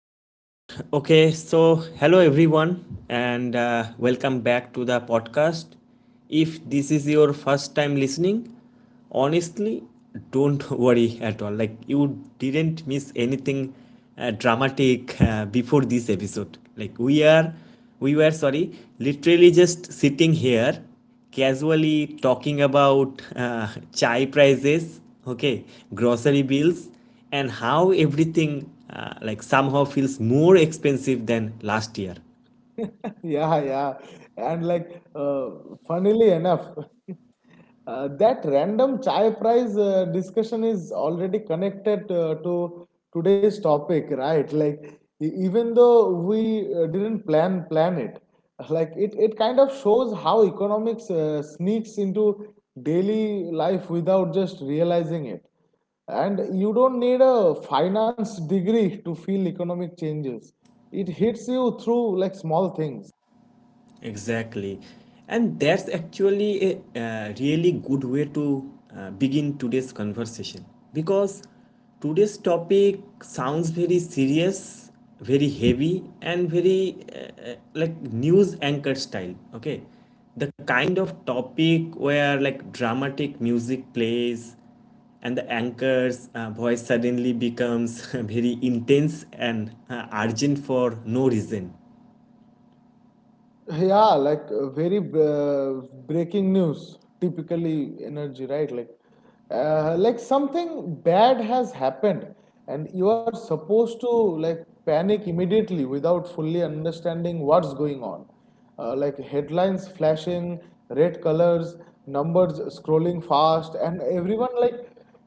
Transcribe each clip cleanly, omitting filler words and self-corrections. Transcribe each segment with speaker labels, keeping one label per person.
Speaker 1: Okay. So, hello everyone, and welcome back to the podcast. If this is your first time listening, honestly, don't worry at all. Like, you didn't miss anything dramatic before this episode. Like, we were, literally just sitting here casually talking about chai prices, okay, grocery bills, and how everything like somehow feels more expensive than last year.
Speaker 2: Yeah. And like, uh, funnily enough, that random chai price discussion is already connected to today's topic, right? Even though we didn't plan it, it kind of shows how economics sneaks into daily life without just realizing it. And you don't need a finance degree to feel economic changes. It hits you through like small things.
Speaker 1: Exactly. And that's actually a, really good way to begin today's conversation because today's topic sounds very serious, very heavy, and very like news anchor style. Okay. The kind of topic where like dramatic music plays and the anchor's voice suddenly becomes very intense and urgent for no reason.
Speaker 2: Yeah, like very breaking news, typically energy, right? Like, something bad has happened, and you are supposed to like panic immediately without fully understanding what's going on. Like headlines flashing, red colors, numbers scrolling fast, and everyone like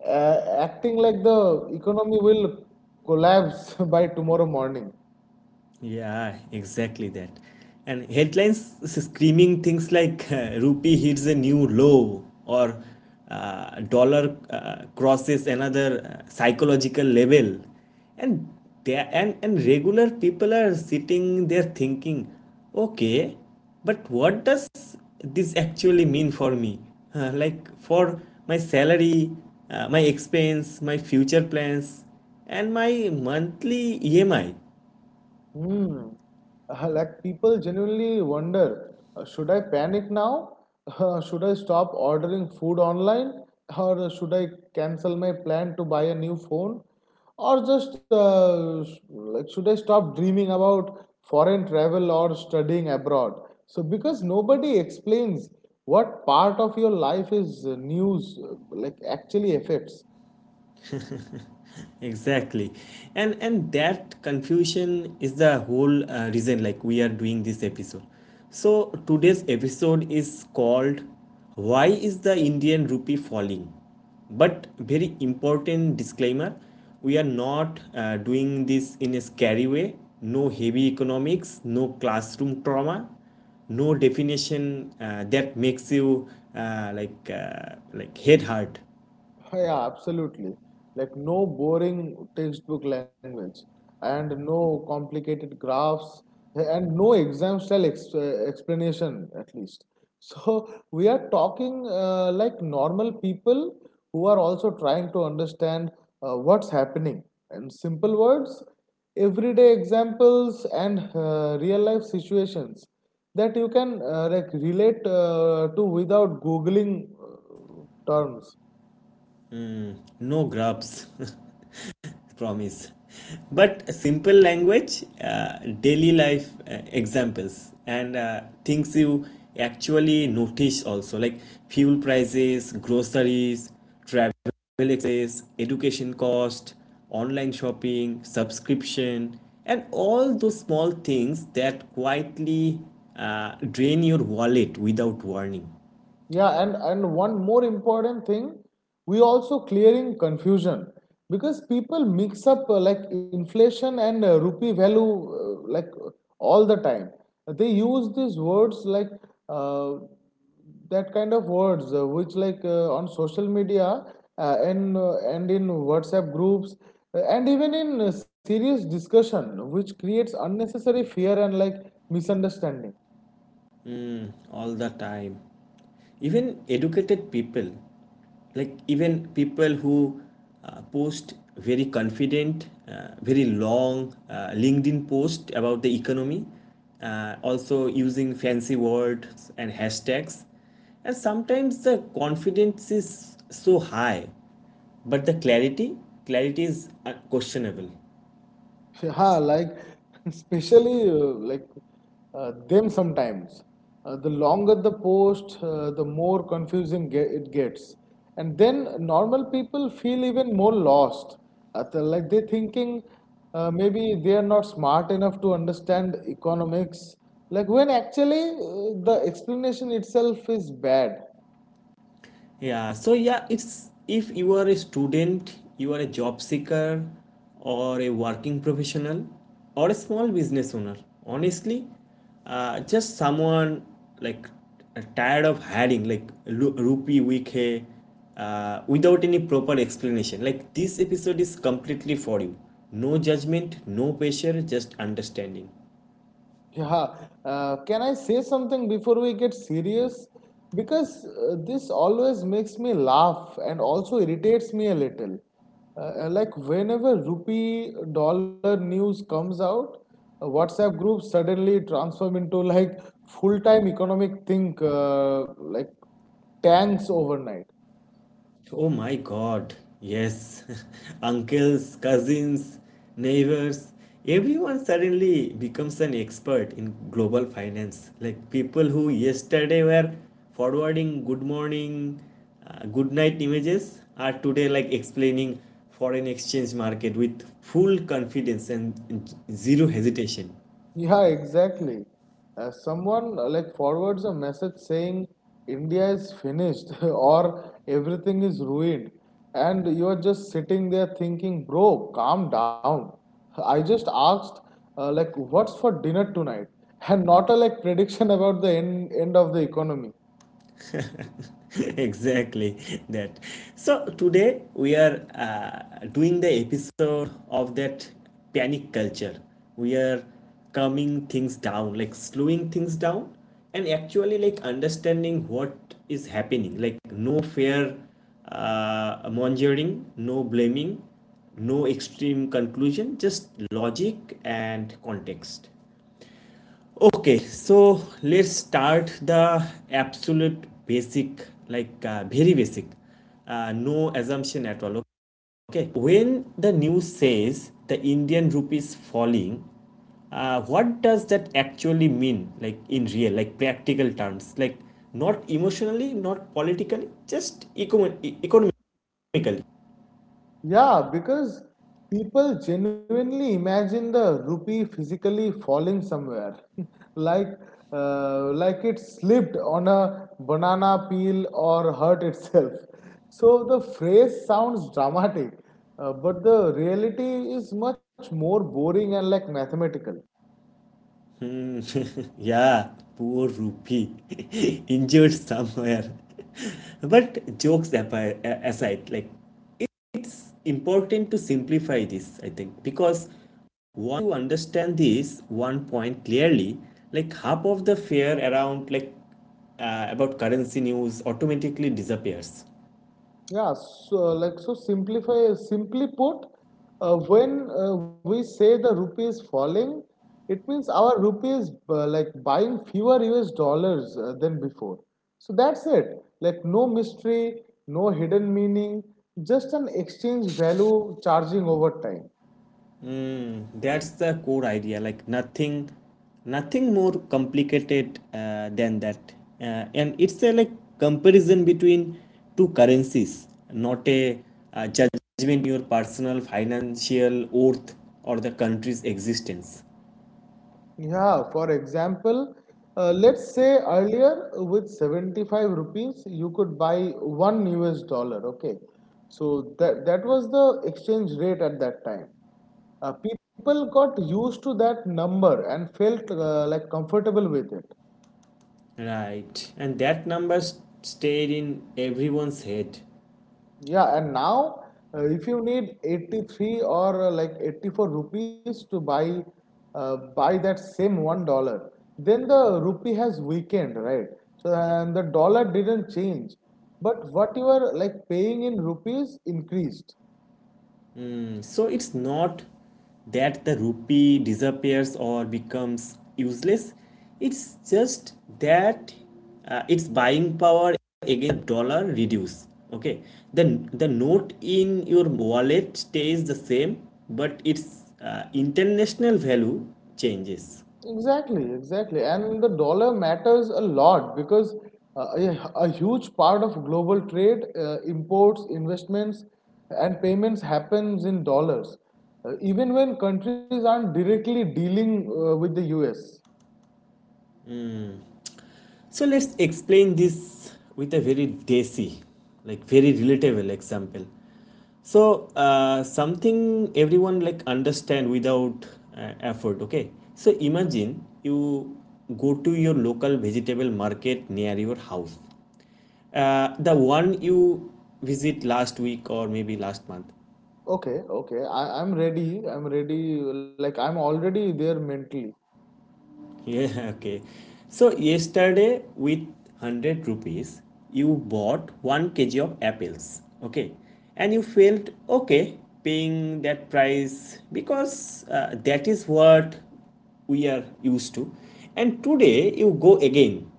Speaker 2: uh, acting like the economy will collapse by tomorrow morning.
Speaker 1: Yeah, exactly that. And headlines screaming things like rupee hits a new low or dollar crosses another psychological level. And they and regular people are sitting there thinking, okay, but what does this actually mean for me? Like for my salary, my expense, my future plans, and my monthly EMI.
Speaker 2: Hmm. Like people genuinely wonder, should I panic now? Should I stop ordering food online? Or should I cancel my plan to buy a new phone? Or just s- like should I stop dreaming about foreign travel or studying abroad? So because nobody explains what part of your life is news actually affects.
Speaker 1: Exactly. And that confusion is the whole reason like we are doing this episode. So today's episode is called, Why is the Indian rupee falling? But very important disclaimer, we are not doing this in a scary way. No heavy economics, no classroom trauma, no definition that makes you like head hurt.
Speaker 2: Yeah, absolutely. Like no boring textbook language and no complicated graphs and no exam style explanation at least. So we are talking like normal people who are also trying to understand what's happening and simple words, everyday examples and real life situations that you can relate to without googling terms.
Speaker 1: No grubs promise. But simple language, daily life examples, and things you actually notice also, like fuel prices, groceries, travel expenses, education cost, online shopping, subscription, and all those small things that quietly drain your wallet without warning.
Speaker 2: Yeah, and one more important thing, we also clearing confusion because people mix up inflation and rupee value all the time. They use these words like uh, that kind of words which like on social media and in WhatsApp groups and even in serious discussion, which creates unnecessary fear and like misunderstanding.
Speaker 1: All the time. Even educated people, like even people who post very confident, very long LinkedIn post about the economy, also using fancy words and hashtags. And sometimes the confidence is so high but the clarity is questionable.
Speaker 2: Yeah, like especially them sometimes. The longer the post, the more confusing ge it gets. And then normal people feel even more lost. They thinking maybe they are not smart enough to understand economics. Like when actually the explanation itself is bad.
Speaker 1: Yeah, so yeah, it's if you are a student, you are a job seeker, or a working professional, or a small business owner, honestly, just someone like tired of hiring like rupee week hai, without any proper explanation. Like this episode is completely for you. No judgment, no pressure, just understanding.
Speaker 2: Yeah, can I say something before we get serious? Because this always makes me laugh and also irritates me a little. Like whenever rupee dollar news comes out, WhatsApp groups suddenly transform into like full-time economic think tanks overnight.
Speaker 1: Oh my god, yes. Uncles, cousins, neighbors, everyone suddenly becomes an expert in global finance. Like people who yesterday were forwarding good morning, good night images are today like explaining foreign exchange market with full confidence and zero hesitation.
Speaker 2: Yeah, exactly. Someone forwards a message saying India is finished or everything is ruined, and you are just sitting there thinking, bro, calm down. I just asked like what's for dinner tonight, and not a like prediction about the end of the economy.
Speaker 1: Exactly that. So today we are doing the episode of that panic culture. We are calming things down, like slowing things down, and actually like understanding what is happening. Like no fear mongering, no blaming, no extreme conclusion, just logic and context. Okay, so let's start the absolute basic, like very basic, no assumption at all. Okay, Okay. When the news says the Indian rupee is falling, what does that actually mean, like in real, like practical terms, like not emotionally, not politically, just economically?
Speaker 2: Yeah, because people genuinely imagine the rupee physically falling somewhere, like like it slipped on a banana peel or hurt itself. So the phrase sounds dramatic, but the reality is much more boring and like mathematical.
Speaker 1: Yeah, poor rupee, injured somewhere. But jokes aside, like important to simplify this, I think, because once you understand this one point clearly, like half of the fear around about currency news automatically disappears.
Speaker 2: Yeah, so like so simplify simply put, when we say the rupee is falling, it means our rupee is like buying fewer US dollars than before. So that's it. Like no mystery, no hidden meaning, just an exchange value charging over time.
Speaker 1: That's the core idea. Like nothing more complicated than that. And it's a like comparison between two currencies, not a judgment on your personal financial worth or the country's existence.
Speaker 2: Yeah, for example, let's say earlier with 75 rupees you could buy one US dollar, okay? So that was the exchange rate at that time. People got used to that number and felt comfortable with it.
Speaker 1: Right, and that number stayed in everyone's head.
Speaker 2: Yeah, and now if you need 83 or like 84 rupees to buy that same $1, then the rupee has weakened, right? So and the dollar didn't change, but what you are like paying in rupees increased.
Speaker 1: Mm. So it's not that the rupee disappears or becomes useless, it's just that its buying power against dollar reduce. Okay, then the note in your wallet stays the same, but its international value changes.
Speaker 2: Exactly. And the dollar matters a lot because a huge part of global trade, imports, investments, and payments happens in dollars, even when countries aren't directly dealing with the US.
Speaker 1: So let's explain this with a very desi, like very relatable example. So something everyone like understand without effort. Okay. So imagine you go to your local vegetable market near your house, the one you visit last week or maybe last month.
Speaker 2: Okay. I'm ready. I'm ready. Like, I'm already there mentally.
Speaker 1: Yeah, okay. So yesterday with 100 rupees, you bought 1 kg of apples, okay? And you felt okay paying that price because that is what we are used to. And today you go again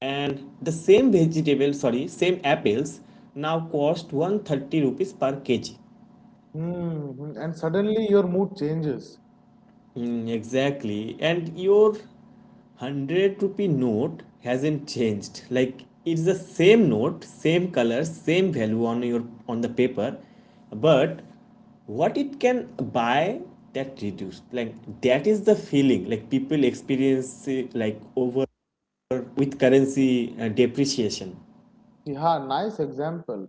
Speaker 1: and the same apples now cost 130 rupees per kg.
Speaker 2: Hmm. And suddenly your mood changes.
Speaker 1: Mm, exactly. And your 100 rupee note hasn't changed. Like it's the same note, same color, same value on your on the paper, but what it can buy that reduced. Like that is the feeling like people experience it, like over with currency depreciation.
Speaker 2: Yeah, nice example.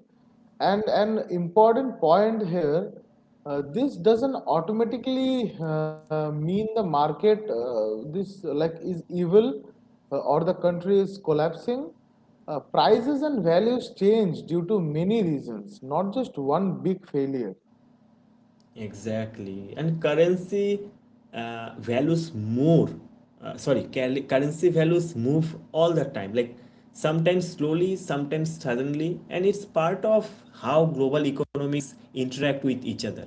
Speaker 2: And an important point here, this doesn't automatically mean the market this like is evil or the country is collapsing. Prices and values change due to many reasons, not just one big failure.
Speaker 1: Exactly. And currency values more. Sorry, currency values move all the time. Like sometimes slowly, sometimes suddenly, and it's part of how global economies interact with each other.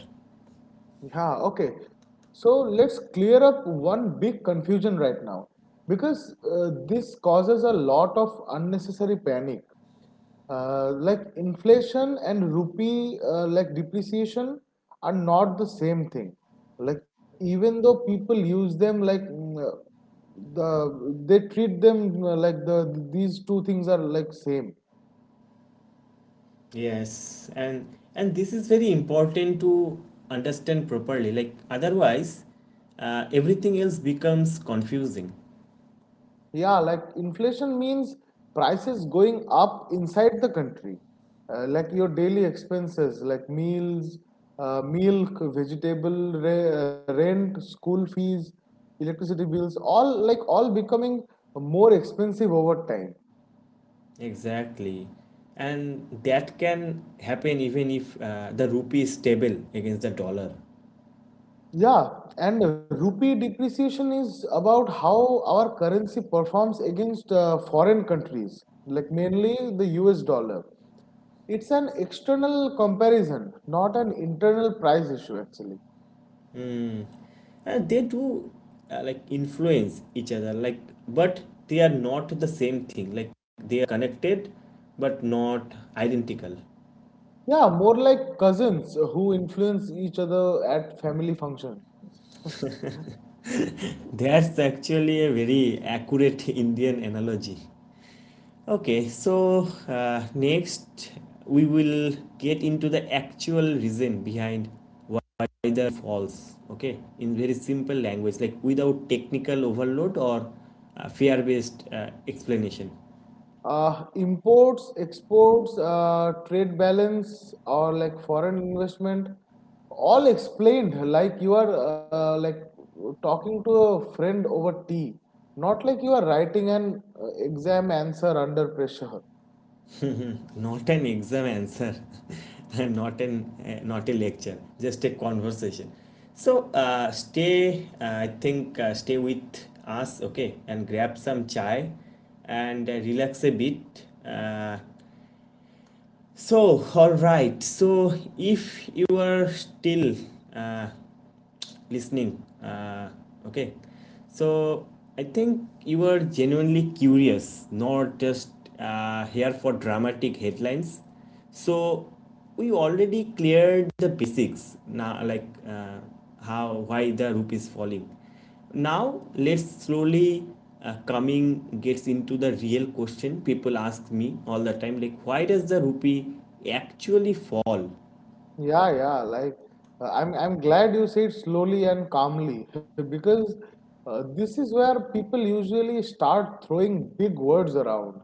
Speaker 2: Yeah, okay. So let's clear up one big confusion right now because this causes a lot of unnecessary panic. Like inflation and rupee, like depreciation, are not the same thing. Like even though people use them, like mm, the they treat them like these two things are like same.
Speaker 1: Yes, and this is very important to understand properly. Like otherwise, everything else becomes confusing.
Speaker 2: Yeah, like inflation means prices going up inside the country. Like your daily expenses, like meals, milk, vegetable, rent, school fees, electricity bills, all like all becoming more expensive over time.
Speaker 1: Exactly. And that can happen even if the rupee is stable against the dollar.
Speaker 2: Yeah, and rupee depreciation is about how our currency performs against foreign countries, like mainly the US dollar. It's an external comparison, not an internal price issue, actually.
Speaker 1: And they do like influence each other, like, but they are not the same thing. Like they are connected but not identical.
Speaker 2: Yeah, more like cousins who influence each other at family functions.
Speaker 1: That's actually a very accurate Indian analogy. Okay, so next we will get into the actual reason behind why the falls. Okay, in very simple language, like without technical overload or fear based explanation.
Speaker 2: Imports, exports, trade balance, or like foreign investment, all explained like you are like talking to a friend over tea, not like you are writing an exam answer under pressure.
Speaker 1: Not an exam answer, not a lecture, just a conversation. So I think, stay with us, okay, and grab some chai and relax a bit. So, all right. So, if you are still uh, listening, okay. So, I think you are genuinely curious, not just here for dramatic headlines. So, we already cleared the basics now, like how why the rupee is falling. Now let's slowly coming gets into the real question people ask me all the time, like why does the rupee actually fall.
Speaker 2: Yeah. Like, I'm glad you said slowly and calmly because this is where people usually start throwing big words around,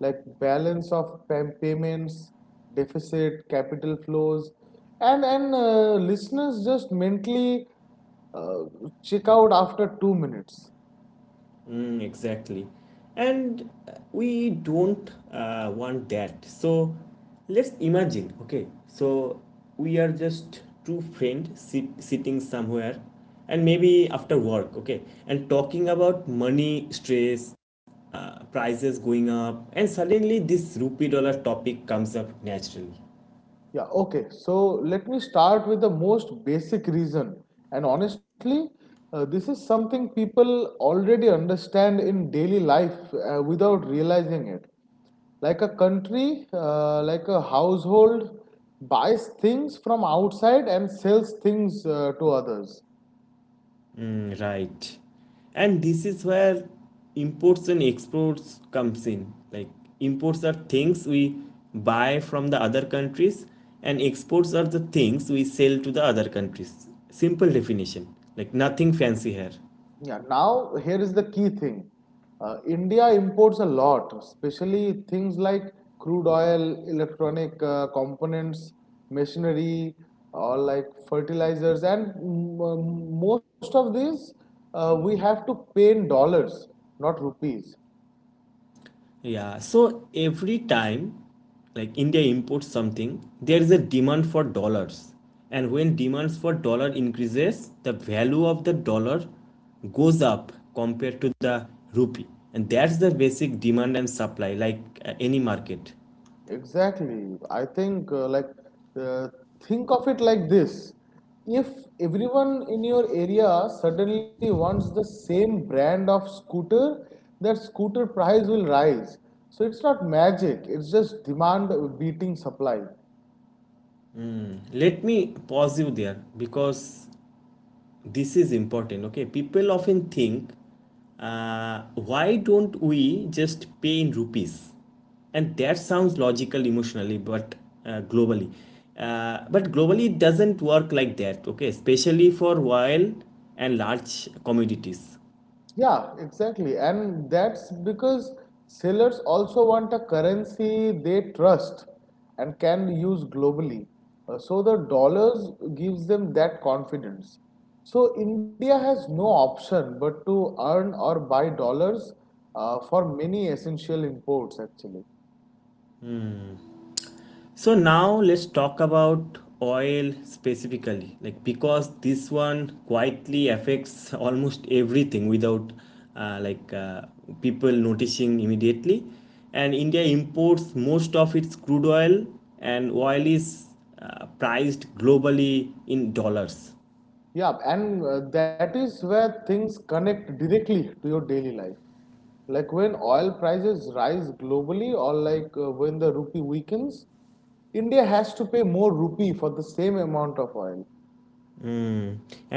Speaker 2: like balance of payments, deficit, capital flows, and listeners just mentally uh, check out after 2 minutes.
Speaker 1: Mm, exactly. And we don't want that. So let's imagine, okay? So we are just two friends sitting somewhere and maybe after work, okay, and talking about money stress, prices going up, and suddenly this rupee dollar topic comes up naturally.
Speaker 2: Yeah, okay. So let me start with the most basic reason. And honestly, this is something people already understand in daily life without realizing it. Like a country, like a household buys things from outside and sells things to others.
Speaker 1: Mm, right. And this is where imports and exports comes in. Like imports are things we buy from the other countries and exports are the things we sell to the other countries. Simple definition. Like nothing fancy here.
Speaker 2: Yeah, now here is the key thing. India imports a lot, especially things like crude oil, electronic components, machinery, or like fertilizers, and most of these we have to pay in dollars, not rupees.
Speaker 1: Yeah, so every time like India imports something, there is a demand for dollars. And when demands for dollar increases, the value of the dollar goes up compared to the rupee. And that's the basic demand and supply like any market.
Speaker 2: Exactly. I think uh, like uh, think of it like this. If everyone in your area suddenly wants the same brand of scooter, that scooter price will rise. So it's not magic, it's just demand beating supply.
Speaker 1: Let me pause you there because this is important. Okay, people often think, why don't we just pay in rupees? And that sounds logical emotionally, but uh, globally, globally it doesn't work like that. Okay, especially for oil and large commodities.
Speaker 2: Yeah, exactly. And that's because sellers also want a currency they trust and can use globally. So the dollars gives them that confidence. So India has no option but to earn or buy dollars for many essential imports actually.
Speaker 1: So now let's talk about oil specifically, like because this one quietly affects almost everything without uh, like uh, people noticing immediately. And India imports most of its crude oil, and oil is priced globally in dollars.
Speaker 2: Yeah, and that is where things connect directly to your daily life. Like when oil prices rise globally or when the rupee weakens, India has to pay more rupee for the same amount of oil.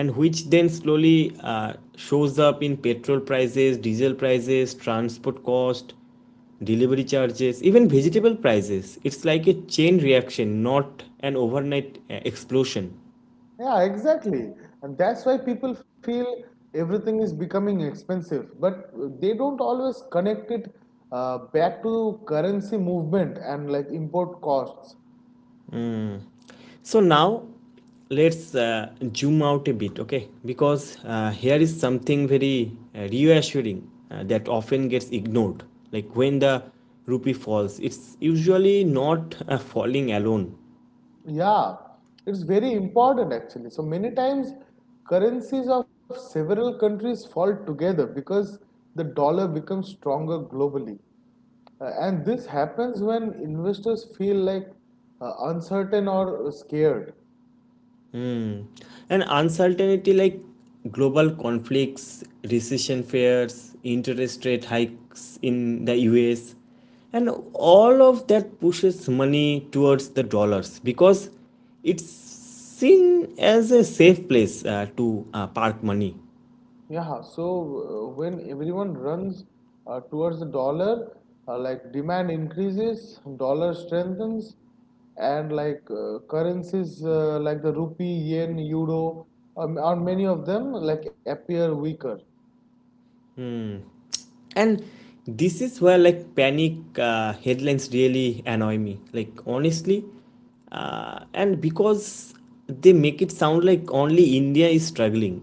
Speaker 1: And which then slowly shows up in petrol prices, diesel prices, transport cost, delivery charges, even vegetable prices. It's like a chain reaction, not an overnight explosion.
Speaker 2: Yeah, exactly. And that's why people feel everything is becoming expensive, but they don't always connect it back to currency movement and like import costs.
Speaker 1: So now let's zoom out a bit, okay? Because here is something very reassuring that often gets ignored. Like when the rupee falls, it's usually not falling alone.
Speaker 2: Yeah, it's very important actually. So many times currencies of several countries fall together because the dollar becomes stronger globally. And this happens when investors feel uncertain or scared.
Speaker 1: And uncertainty, like global conflicts, recession fears, interest rate hikes in the US, and all of that pushes money towards the dollars because it's seen as a safe place to park money.
Speaker 2: Yeah, so when everyone runs towards the dollar, like demand increases, dollar strengthens, and like currencies like the rupee, yen, euro, or many of them like appear weaker.
Speaker 1: And this is where, like, panic headlines really annoy me, like, honestly. And Because they make it sound like only India is struggling,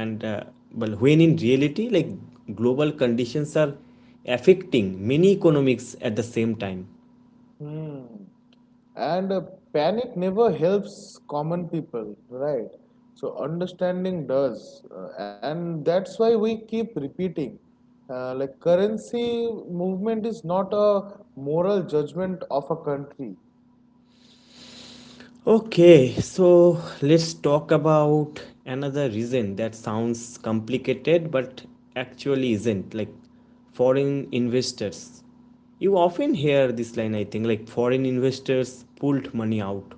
Speaker 1: and but when in reality, like, global conditions are affecting many economics at the same time.
Speaker 2: Hmm. And panic never helps common people, right? So understanding does. And that's why we keep repeating. Like currency movement is not a moral judgment of a country.
Speaker 1: Okay, so let's talk about another reason that sounds complicated but actually isn't, like foreign investors. You often hear this line, I think, like foreign investors pulled money out.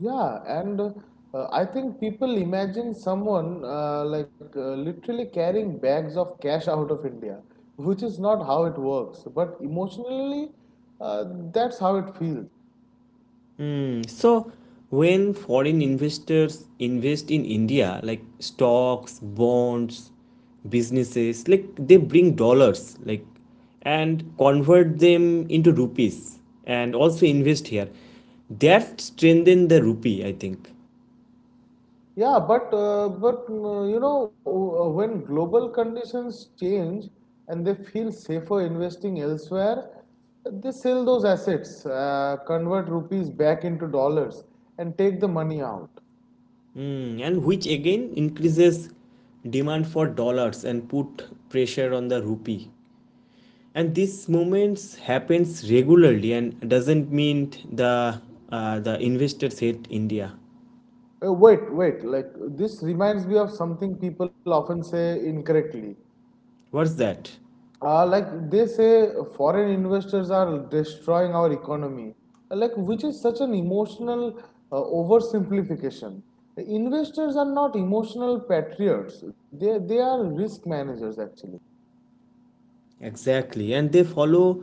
Speaker 2: Yeah, and I think people imagine someone literally carrying bags of cash out of India, which is not how it works. But emotionally, uh, that's how it feels.
Speaker 1: Mm. So when foreign investors invest in India, like stocks, bonds, businesses, like they bring dollars, like, and convert them into rupees and also invest here. That strengthen the rupee, I think.
Speaker 2: Yeah, but you know when global conditions change and they feel safer investing elsewhere, they sell those assets, convert rupees back into dollars, and take the money out.
Speaker 1: Mm, and which again increases demand for dollars and put pressure on the rupee. And this moments happens regularly and doesn't mean the investors hate India.
Speaker 2: Wait, wait, like this reminds me of something people often say incorrectly.
Speaker 1: What's that?
Speaker 2: Like they say, foreign investors are destroying our economy. Like, which is such an emotional oversimplification. The investors are not emotional patriots. They are risk managers actually.
Speaker 1: Exactly, and they follow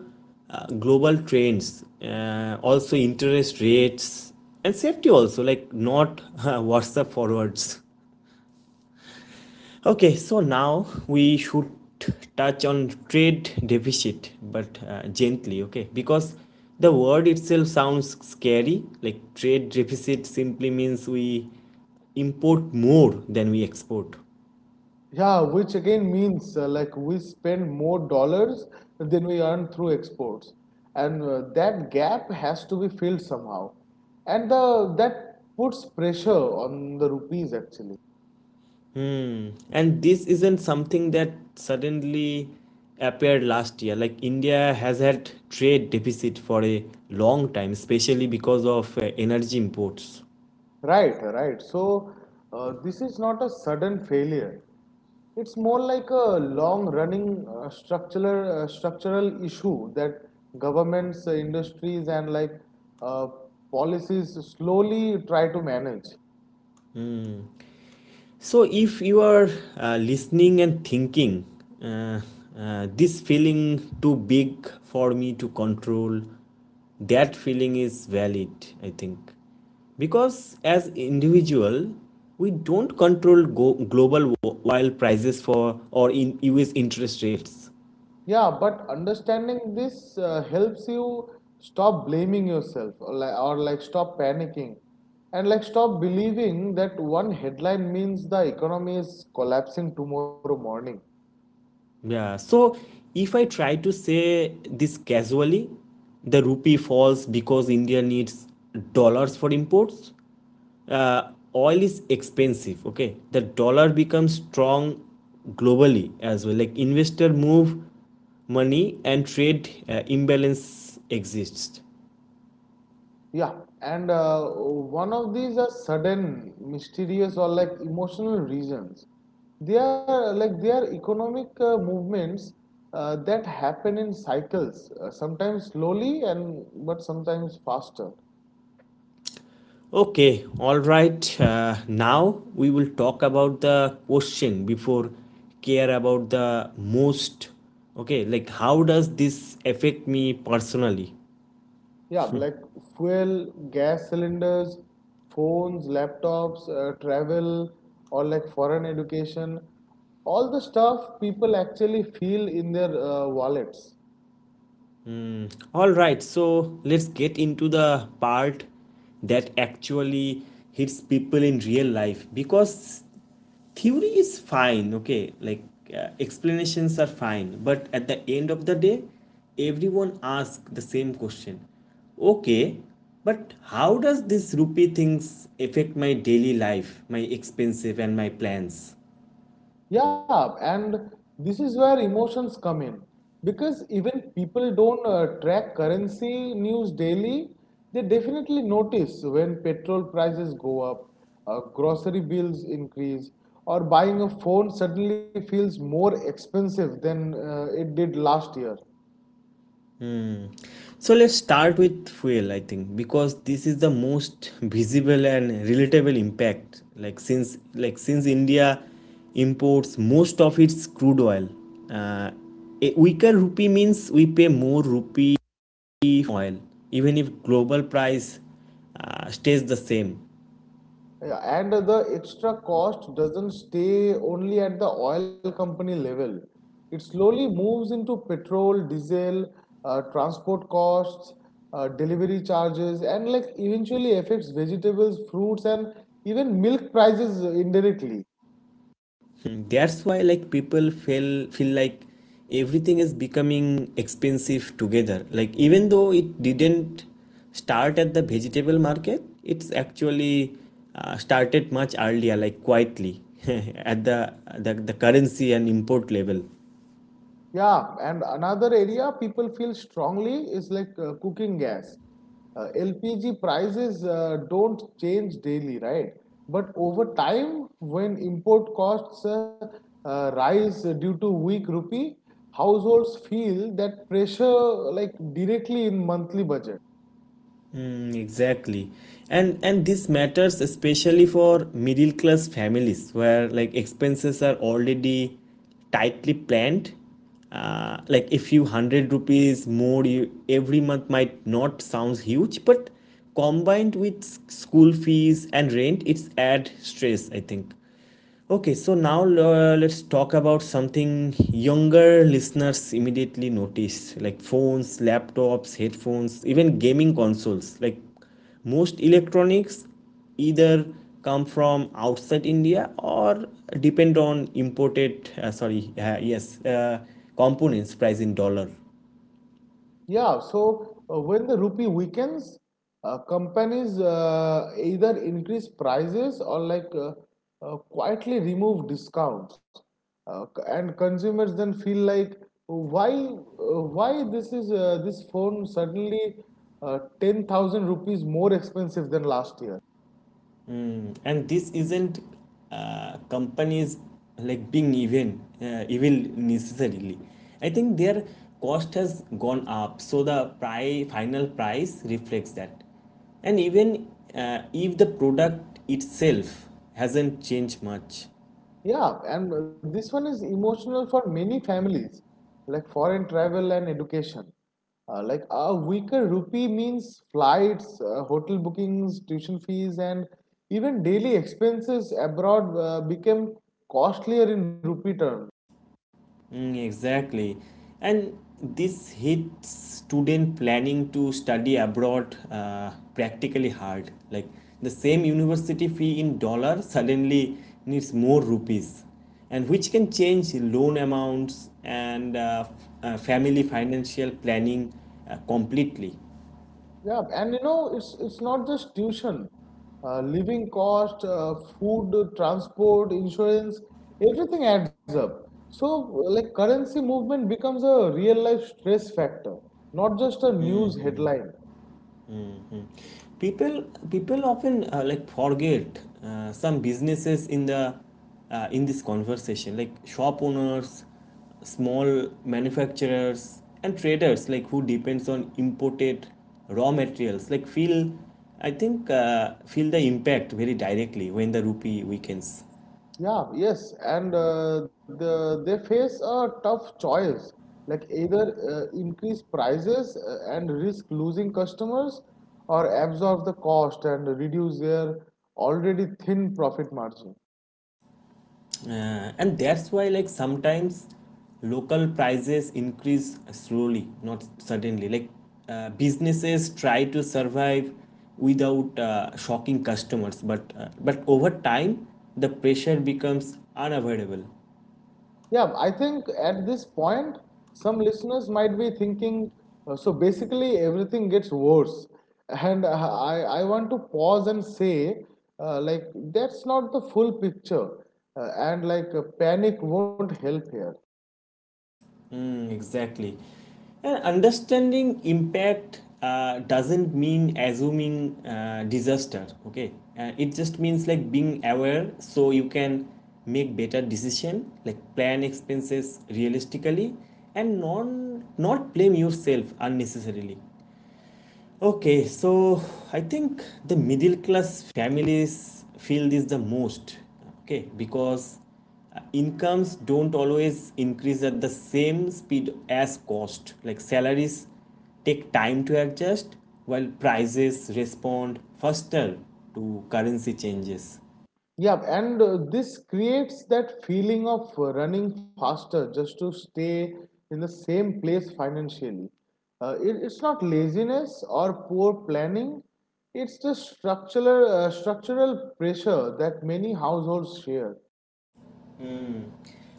Speaker 1: global trends, also interest rates and safety also, like not whatsapp forwards. Okay, so now we should touch on trade deficit, but gently, okay? Because the word itself sounds scary. Like trade deficit simply means we import more than we export.
Speaker 2: Yeah, which again means we spend more dollars than we earn through exports, and that gap has to be filled somehow, and the that puts pressure on the rupees actually.
Speaker 1: Hmm. And this isn't something that suddenly appeared last year. Like India has had trade deficit for a long time, especially because of energy imports.
Speaker 2: Right. So, this is not a sudden failure. It's more like a long-running structural issue that governments, industries, and like uh, policies slowly try to manage.
Speaker 1: So, if you are listening and thinking, uh, this feeling too big for me to control, that feeling is valid, I think. Because as individual, we don't control global oil prices for or in US interest rates.
Speaker 2: Yeah, but understanding this helps you stop blaming yourself or like stop panicking and like stop believing that one headline means the economy is collapsing tomorrow morning.
Speaker 1: Yeah. So if I try to say this casually, the rupee falls because India needs dollars for imports, oil is expensive, okay, the dollar becomes strong globally as well, like investor move money and trade imbalance exists.
Speaker 2: Yeah, and one of these are sudden, mysterious, or like emotional reasons. They are like they are economic movements that happen in cycles, sometimes slowly and but sometimes faster.
Speaker 1: Okay, all right, now we will talk about the question before care about the most. Okay, like how does this affect me personally?
Speaker 2: Yeah, like fuel, gas cylinders, phones, laptops, travel, or like foreign education. All the stuff people actually feel in their wallets.
Speaker 1: All right, so let's get into the part that actually hits people in real life, because theory is fine, okay? Like explanations are fine, but at the end of the day, everyone asks the same question. Okay, but how does this rupee things affect my daily life, my expensive and my plans?
Speaker 2: Yeah, and this is where emotions come in because even people don't track currency news daily, they definitely notice when petrol prices go up, grocery bills increase, or buying a phone suddenly feels more expensive than it did last year.
Speaker 1: So let's start with fuel, I think, because this is the most visible and relatable impact. Since India imports most of its crude oil, uh, a weaker rupee means we pay more rupee oil, even if global price stays the same.
Speaker 2: Yeah, and the extra cost doesn't stay only at the oil company level. It slowly moves into petrol, diesel, transport costs, delivery charges, and like eventually affects vegetables, fruits, and even milk prices indirectly.
Speaker 1: Mm, that's why like people feel like everything is becoming expensive together. Like even though it didn't start at the vegetable market, it's actually started much earlier, like quietly at the currency and import level.
Speaker 2: Yeah, and another area people feel strongly is like cooking gas. LPG prices don't change daily, right? But over time, when import costs rise due to weak rupee, households feel that pressure like directly in monthly budget.
Speaker 1: Mm, exactly. And this matters especially for middle class families, where like expenses are already tightly planned. Like a few hundred rupees more you, every month might not sounds huge, but combined with school fees and rent, it's add stress, I think. Okay, so now let's talk about something younger listeners immediately notice, like phones, laptops, headphones, even gaming consoles. Like most electronics either come from outside India or depend on imported, components price in dollar.
Speaker 2: Yeah, so when the rupee weakens, companies either increase prices or like quietly remove discounts, and consumers then feel like why this is this phone suddenly 10,000 rupees more expensive than last year.
Speaker 1: And this isn't companies like being even evil necessarily, I think. Their cost has gone up, so the price final price reflects that, and even if the product itself hasn't changed much.
Speaker 2: Yeah, and this one is emotional for many families, like foreign travel and education. Like a weaker rupee means flights, hotel bookings, tuition fees, and even daily expenses abroad became costlier in rupee terms.
Speaker 1: Mm, exactly. And this hits student planning to study abroad practically hard. Like the same university fee in dollar suddenly needs more rupees, and which can change loan amounts and family financial planning completely.
Speaker 2: Yeah, and you know, it's not just tuition, living cost, food, transport, insurance, everything adds up. So, like currency movement becomes a real life stress factor, not just a news headline.
Speaker 1: people people often like forget some businesses in the in this conversation, like shop owners, small manufacturers and traders, like who depends on imported raw materials, like feel, I think, feel the impact very directly when the rupee weakens.
Speaker 2: Yeah, yes, and they face a tough choice, like either increase prices and risk losing customers, or absorb the cost and reduce their already thin profit margin.
Speaker 1: And that's why like sometimes local prices increase slowly, not suddenly, like businesses try to survive without shocking customers, but over time the pressure becomes unavoidable.
Speaker 2: Yeah, I think at this point, some listeners might be thinking, so basically everything gets worse. And I want to pause and say, like, that's not the full picture. And like, panic won't help here.
Speaker 1: Mm, exactly. And understanding impact doesn't mean assuming disaster, okay? It just means like being aware, so you can make better decision, like plan expenses realistically and non not blame yourself unnecessarily. Okay, so I think the middle class families feel this the most, okay, because incomes don't always increase at the same speed as cost. Like salaries take time to adjust, while prices respond faster to currency changes.
Speaker 2: Yeah, and this creates that feeling of running faster just to stay in the same place financially. It's not laziness or poor planning, it's the structural pressure that many households share.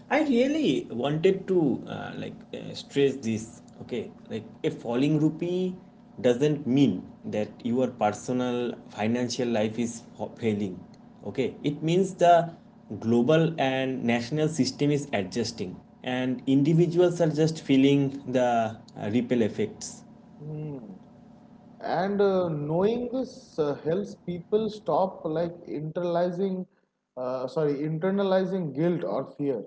Speaker 1: I really wanted to stress this. Okay, like a falling rupee doesn't mean that your personal financial life is failing. Okay, it means the global and national system is adjusting, and individuals are just feeling the ripple effects.
Speaker 2: Hmm. And knowing this helps people stop like internalizing guilt or fear.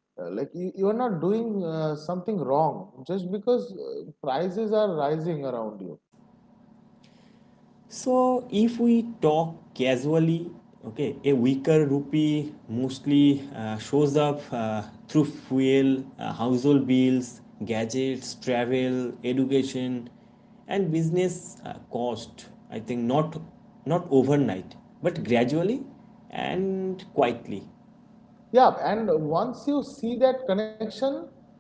Speaker 2: Like you are not doing something wrong just because prices are rising around you.
Speaker 1: So if we talk casually, okay, a weaker rupee mostly shows up through fuel, household bills, gadgets, travel, education, and business cost. I think not not overnight, but gradually and quietly.
Speaker 2: Yeah and once you see that connection,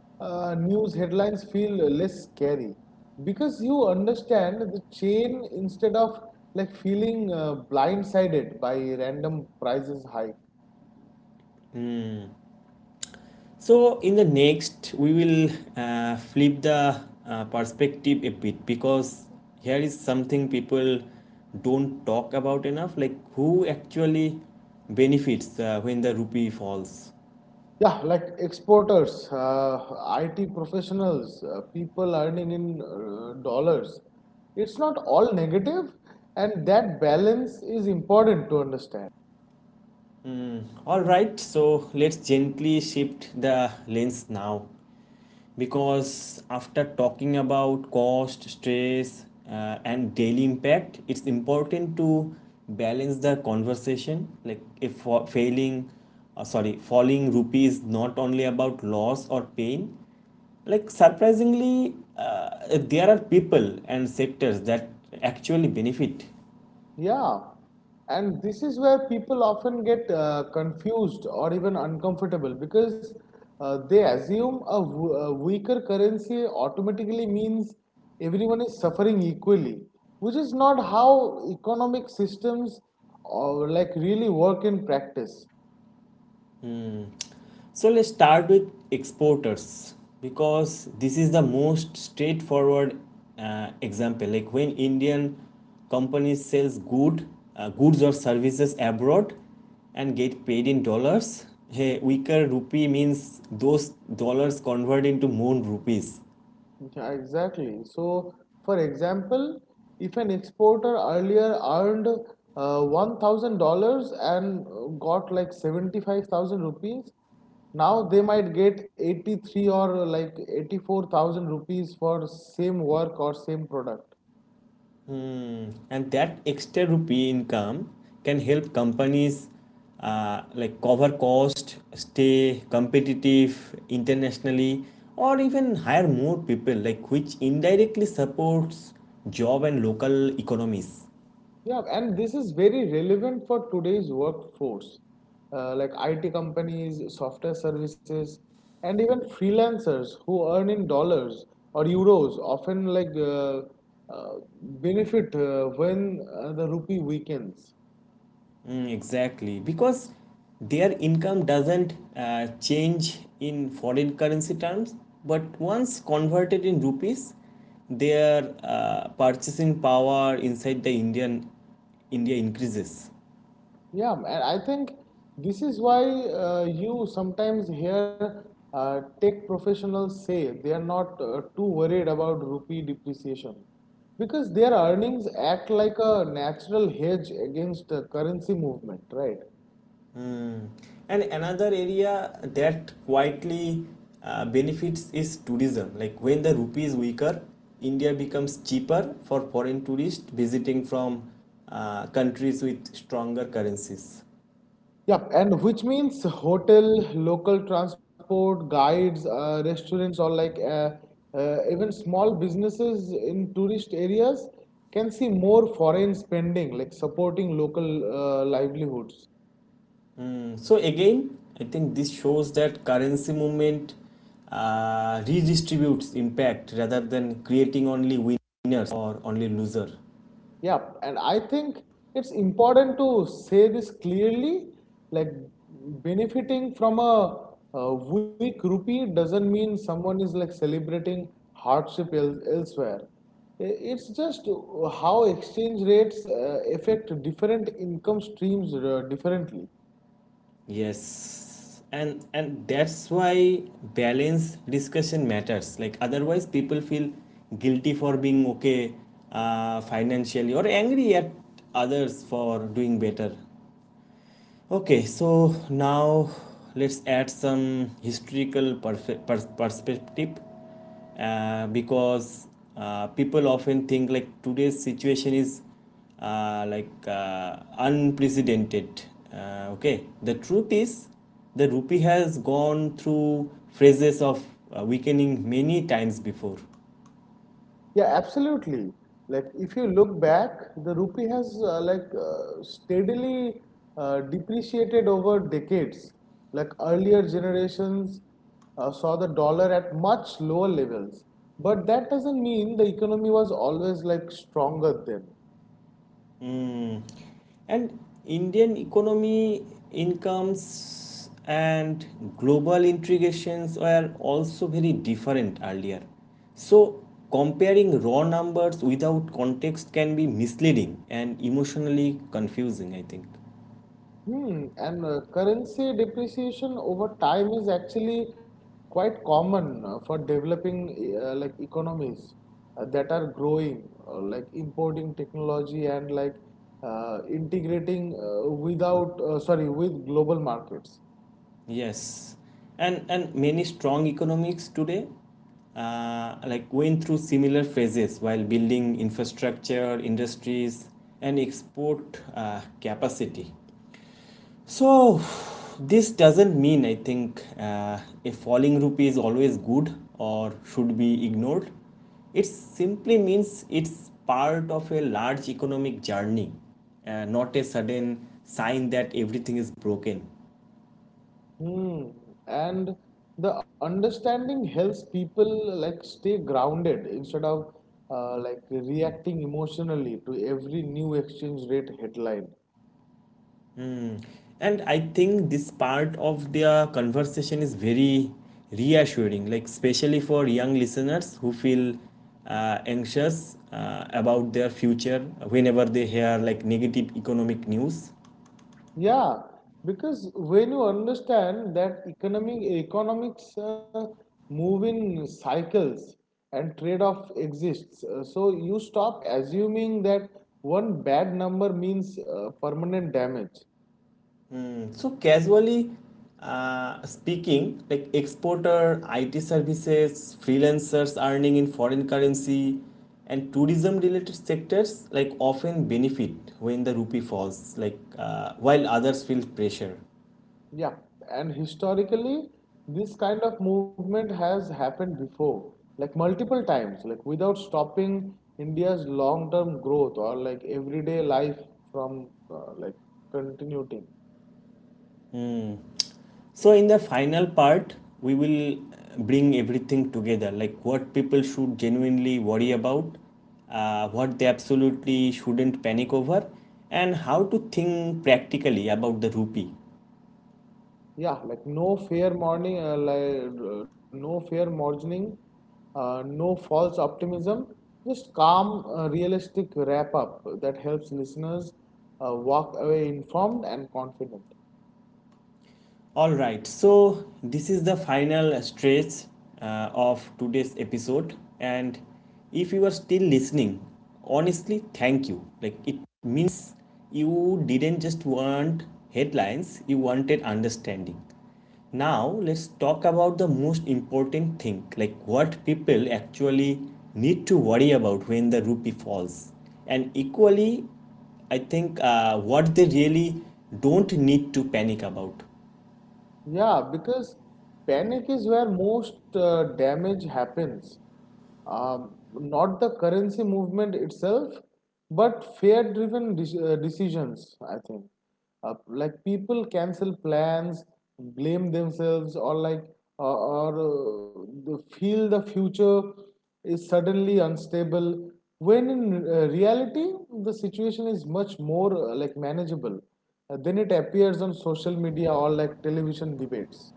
Speaker 2: news headlines feel less scary because you understand the chain instead of like feeling blindsided by random prices hike.
Speaker 1: So in the next, we will flip the perspective a bit, because here is something people don't talk about enough, like who actually benefits when the rupee falls.
Speaker 2: Yeah, like exporters, IT professionals, people earning in dollars. It's not all negative, and that balance is important to understand.
Speaker 1: All right, so let's gently shift the lens now, because after talking about cost, stress, and daily impact, it's important to balance the conversation. Like if failing, sorry, falling rupee is not only about loss or pain. Like surprisingly, there are people and sectors that actually benefit.
Speaker 2: Yeah, and this is where people often get confused or even uncomfortable because they assume a weaker currency automatically means everyone is suffering equally, which is not how economic systems or like really work in practice.
Speaker 1: So let's start with exporters, because this is the most straightforward example. Like when Indian companies sells goods or services abroad and get paid in dollars, hey, weaker rupee means those dollars convert into more rupees,
Speaker 2: Yeah, exactly. So, for example, if an exporter earlier earned $1,000 and got like 75,000 rupees, now they might get 83 or like 84,000 rupees for same work or same product.
Speaker 1: and that extra rupee income can help companies like cover cost, stay competitive internationally, or even hire more people, like which indirectly supports job and local economies.
Speaker 2: Yeah, and this is very relevant for today's workforce, like IT companies, software services, and even freelancers who earn in dollars or euros often uh, benefit when the rupee weakens.
Speaker 1: Mm, exactly, because their income doesn't change in foreign currency terms, but once converted in rupees, their purchasing power inside the Indian India increases.
Speaker 2: Yeah, and I think this is why you sometimes hear tech professionals say they are not too worried about rupee depreciation because their earnings act like a natural hedge against currency movement, right?
Speaker 1: Mm. And another area that quietly benefits is tourism. Like when the rupee is weaker, India becomes cheaper for foreign tourists visiting from countries with stronger currencies.
Speaker 2: Yep, and which means hotel, local transport, guides, restaurants, or even small businesses in tourist areas can see more foreign spending, like supporting local livelihoods.
Speaker 1: Mm, so again, I think this shows that currency movement redistributes impact rather than creating only winners or only loser.
Speaker 2: Yeah, and I think it's important to say this clearly. Like benefiting from a weak rupee doesn't mean someone is like celebrating elsewhere. It's just how exchange rates affect different income streams differently.
Speaker 1: Yes, and that's why balance discussion matters. Like otherwise, people feel guilty for being okay financially, or angry at others for doing better. Okay, so now let's add some historical perspective, because people often think like today's situation is unprecedented. Okay, the truth is the rupee has gone through phases of weakening many times before.
Speaker 2: Yeah, absolutely. Like if you look back, the rupee has steadily depreciated over decades. Like earlier generations saw the dollar at much lower levels, but that doesn't mean the economy was always like stronger then.
Speaker 1: Hmm. And Indian economy, incomes, and global integrations were also very different earlier. So, comparing raw numbers without context can be misleading and emotionally confusing, I think.
Speaker 2: Hmm, and currency depreciation over time is actually quite common for developing like economies that are growing, like importing technology and integrating without sorry with global markets.
Speaker 1: Yes. And many strong economics today like went through similar phases while building infrastructure, industries, and export capacity. So this doesn't mean, I think, a falling rupee is always good or should be ignored. It simply means it's part of a large economic journey, not a sudden sign that everything is broken.
Speaker 2: Hmm, and the understanding helps people like stay grounded instead of like reacting emotionally to every new exchange rate headline.
Speaker 1: And I think this part of the conversation is very reassuring, like especially for young listeners who feel anxious about their future whenever they hear like negative economic news.
Speaker 2: Yeah, because when you understand that economics move in cycles and trade-off exists, so you stop assuming that one bad number means permanent damage.
Speaker 1: So casually speaking, like exporter, IT services, freelancers earning in foreign currency, and tourism related sectors like often benefit when the rupee falls, like while others feel pressure.
Speaker 2: Yeah, and historically, this kind of movement has happened before, like multiple times, like without stopping India's long-term growth or like everyday life from like continuing.
Speaker 1: So in the final part, we will bring everything together, like what people should genuinely worry about, what they absolutely shouldn't panic over, and how to think practically about the rupee.
Speaker 2: Yeah, like no fair morning, no fair morning, no false optimism, just calm, realistic wrap up that helps listeners walk away informed and confident.
Speaker 1: All right, so this is the final stretch of today's episode, and if you are still listening, honestly, thank you. Like it means you didn't just want headlines, you wanted understanding. Now, let's talk about the most important thing, like what people actually need to worry about when the rupee falls, and equally, I think, what they really don't need to panic about.
Speaker 2: Yeah, because panic is where most damage happens. Not the currency movement itself, but fear driven decisions, I think. Like people cancel plans, blame themselves, or like or feel the future is suddenly unstable. When in reality, the situation is much more like manageable than it appears on social media or like television debates.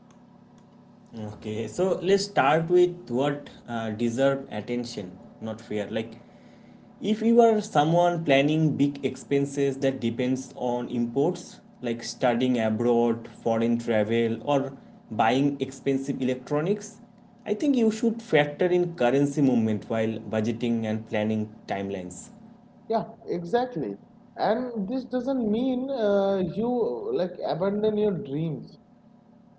Speaker 1: Okay, so let's start with what deserve attention, not fear. Like, if you are someone planning big expenses that depends on imports, like studying abroad, foreign travel, or buying expensive electronics, I think you should factor in currency movement while budgeting and planning timelines.
Speaker 2: Yeah, exactly. And this doesn't mean you like abandon your dreams.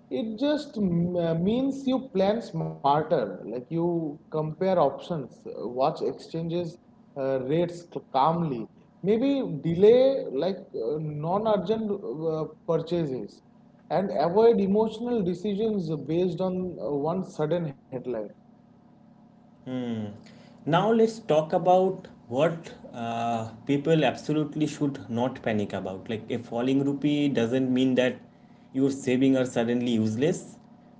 Speaker 2: It just means you plan smarter. Like you compare options, watch exchanges rates calmly. Maybe delay non-urgent purchases and avoid emotional decisions based on one sudden headline.
Speaker 1: Now let's talk about what people absolutely should not panic about. Like a falling rupee doesn't mean that your savings are suddenly useless,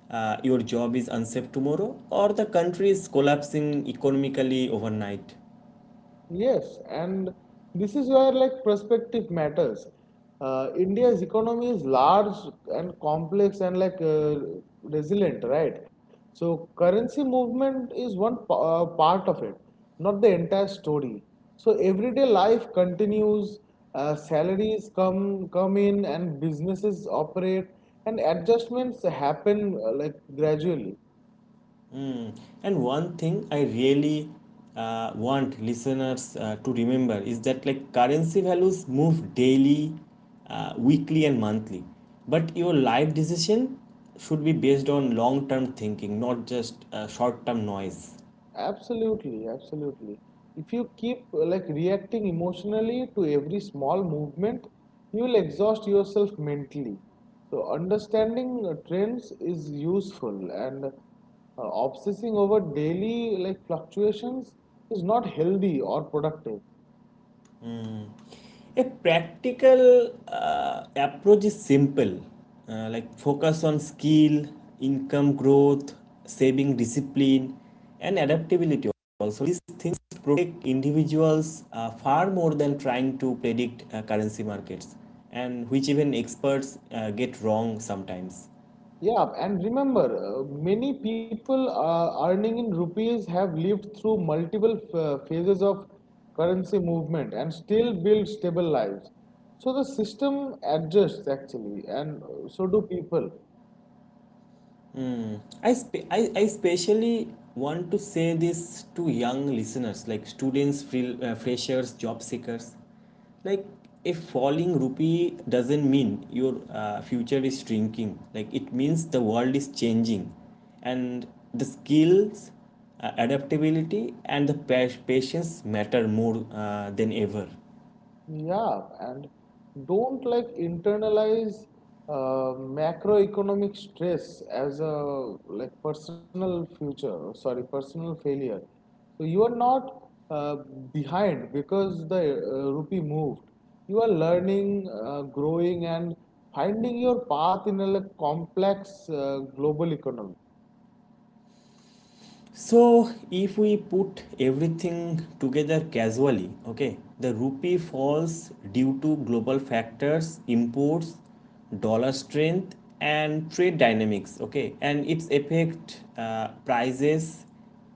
Speaker 1: your job is unsafe tomorrow, or the country is collapsing economically overnight.
Speaker 2: Yes, and this is where like perspective matters. India's economy is large and complex and resilient, right? So currency movement is part of it, not the entire story. So everyday life continues, salaries come in, and businesses operate, and adjustments happen like gradually.
Speaker 1: Mm. And one thing I really want listeners to remember is that like currency values move daily, weekly, and monthly. But your life decision should be based on long term thinking, not just short term noise.
Speaker 2: Absolutely, absolutely. If you keep like reacting emotionally to every small movement, you will exhaust yourself mentally. So understanding trends is useful and obsessing over daily like fluctuations is not healthy or productive.
Speaker 1: A practical approach is simple, like focus on skill, income growth, saving discipline, and adaptability. Also, these things protect individuals far more than trying to predict currency markets, and which even experts get wrong sometimes.
Speaker 2: Yeah, and remember, many people earning in rupees have lived through multiple phases of currency movement and still build stable lives. So the system adjusts actually, and so do people.
Speaker 1: Mm. I especially want to say this to young listeners, like students, freshers, job seekers, like a falling rupee doesn't mean your future is shrinking. Like it means the world is changing, and the skills, adaptability, and the patience matter more than ever.
Speaker 2: Yeah, and don't like internalize uh, macroeconomic stress as a like personal failure. So you are not uh, behind because the rupee moved. You are learning, growing, and finding your path in a like, complex global economy.
Speaker 1: So if we put everything together casually, okay, the rupee falls due to global factors, imports, dollar strength, and trade dynamics, okay, and its effect prices,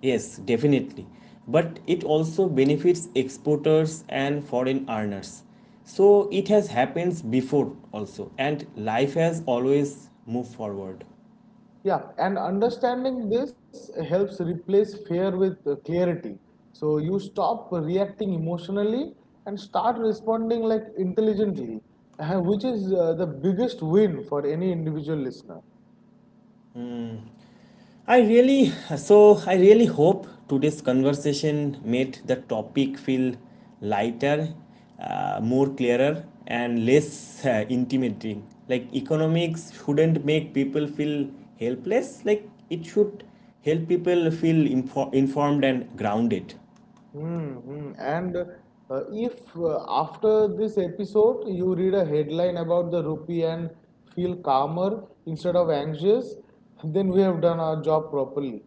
Speaker 1: yes, definitely, but it also benefits exporters and foreign earners. So it has happened before also, and life has always moved forward.
Speaker 2: Yeah, and understanding this helps replace fear with clarity. So you stop reacting emotionally and start responding like intelligently, which is the biggest win for any individual listener.
Speaker 1: I really I really hope today's conversation made the topic feel lighter, more clearer and less intimidating. Like economics shouldn't make people feel helpless. Like it should help people feel informed and grounded.
Speaker 2: Hmm. And if after this episode you read a headline about the rupee and feel calmer instead of anxious, then we have done our job properly.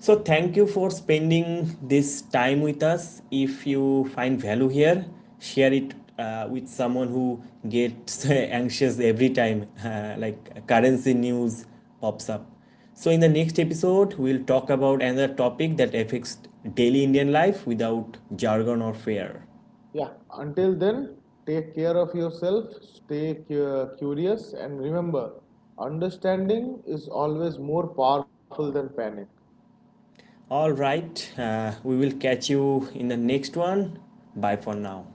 Speaker 1: So, thank you for spending this time with us. If you find value here, share it with someone who gets anxious every time, like currency news pops up. So, in the next episode, we'll talk about another topic that affects daily Indian life without jargon or fear.
Speaker 2: Yeah, until then, take care of yourself, stay curious, and remember, understanding is always more powerful than panic.
Speaker 1: All right, we will catch you in the next one. Bye for now.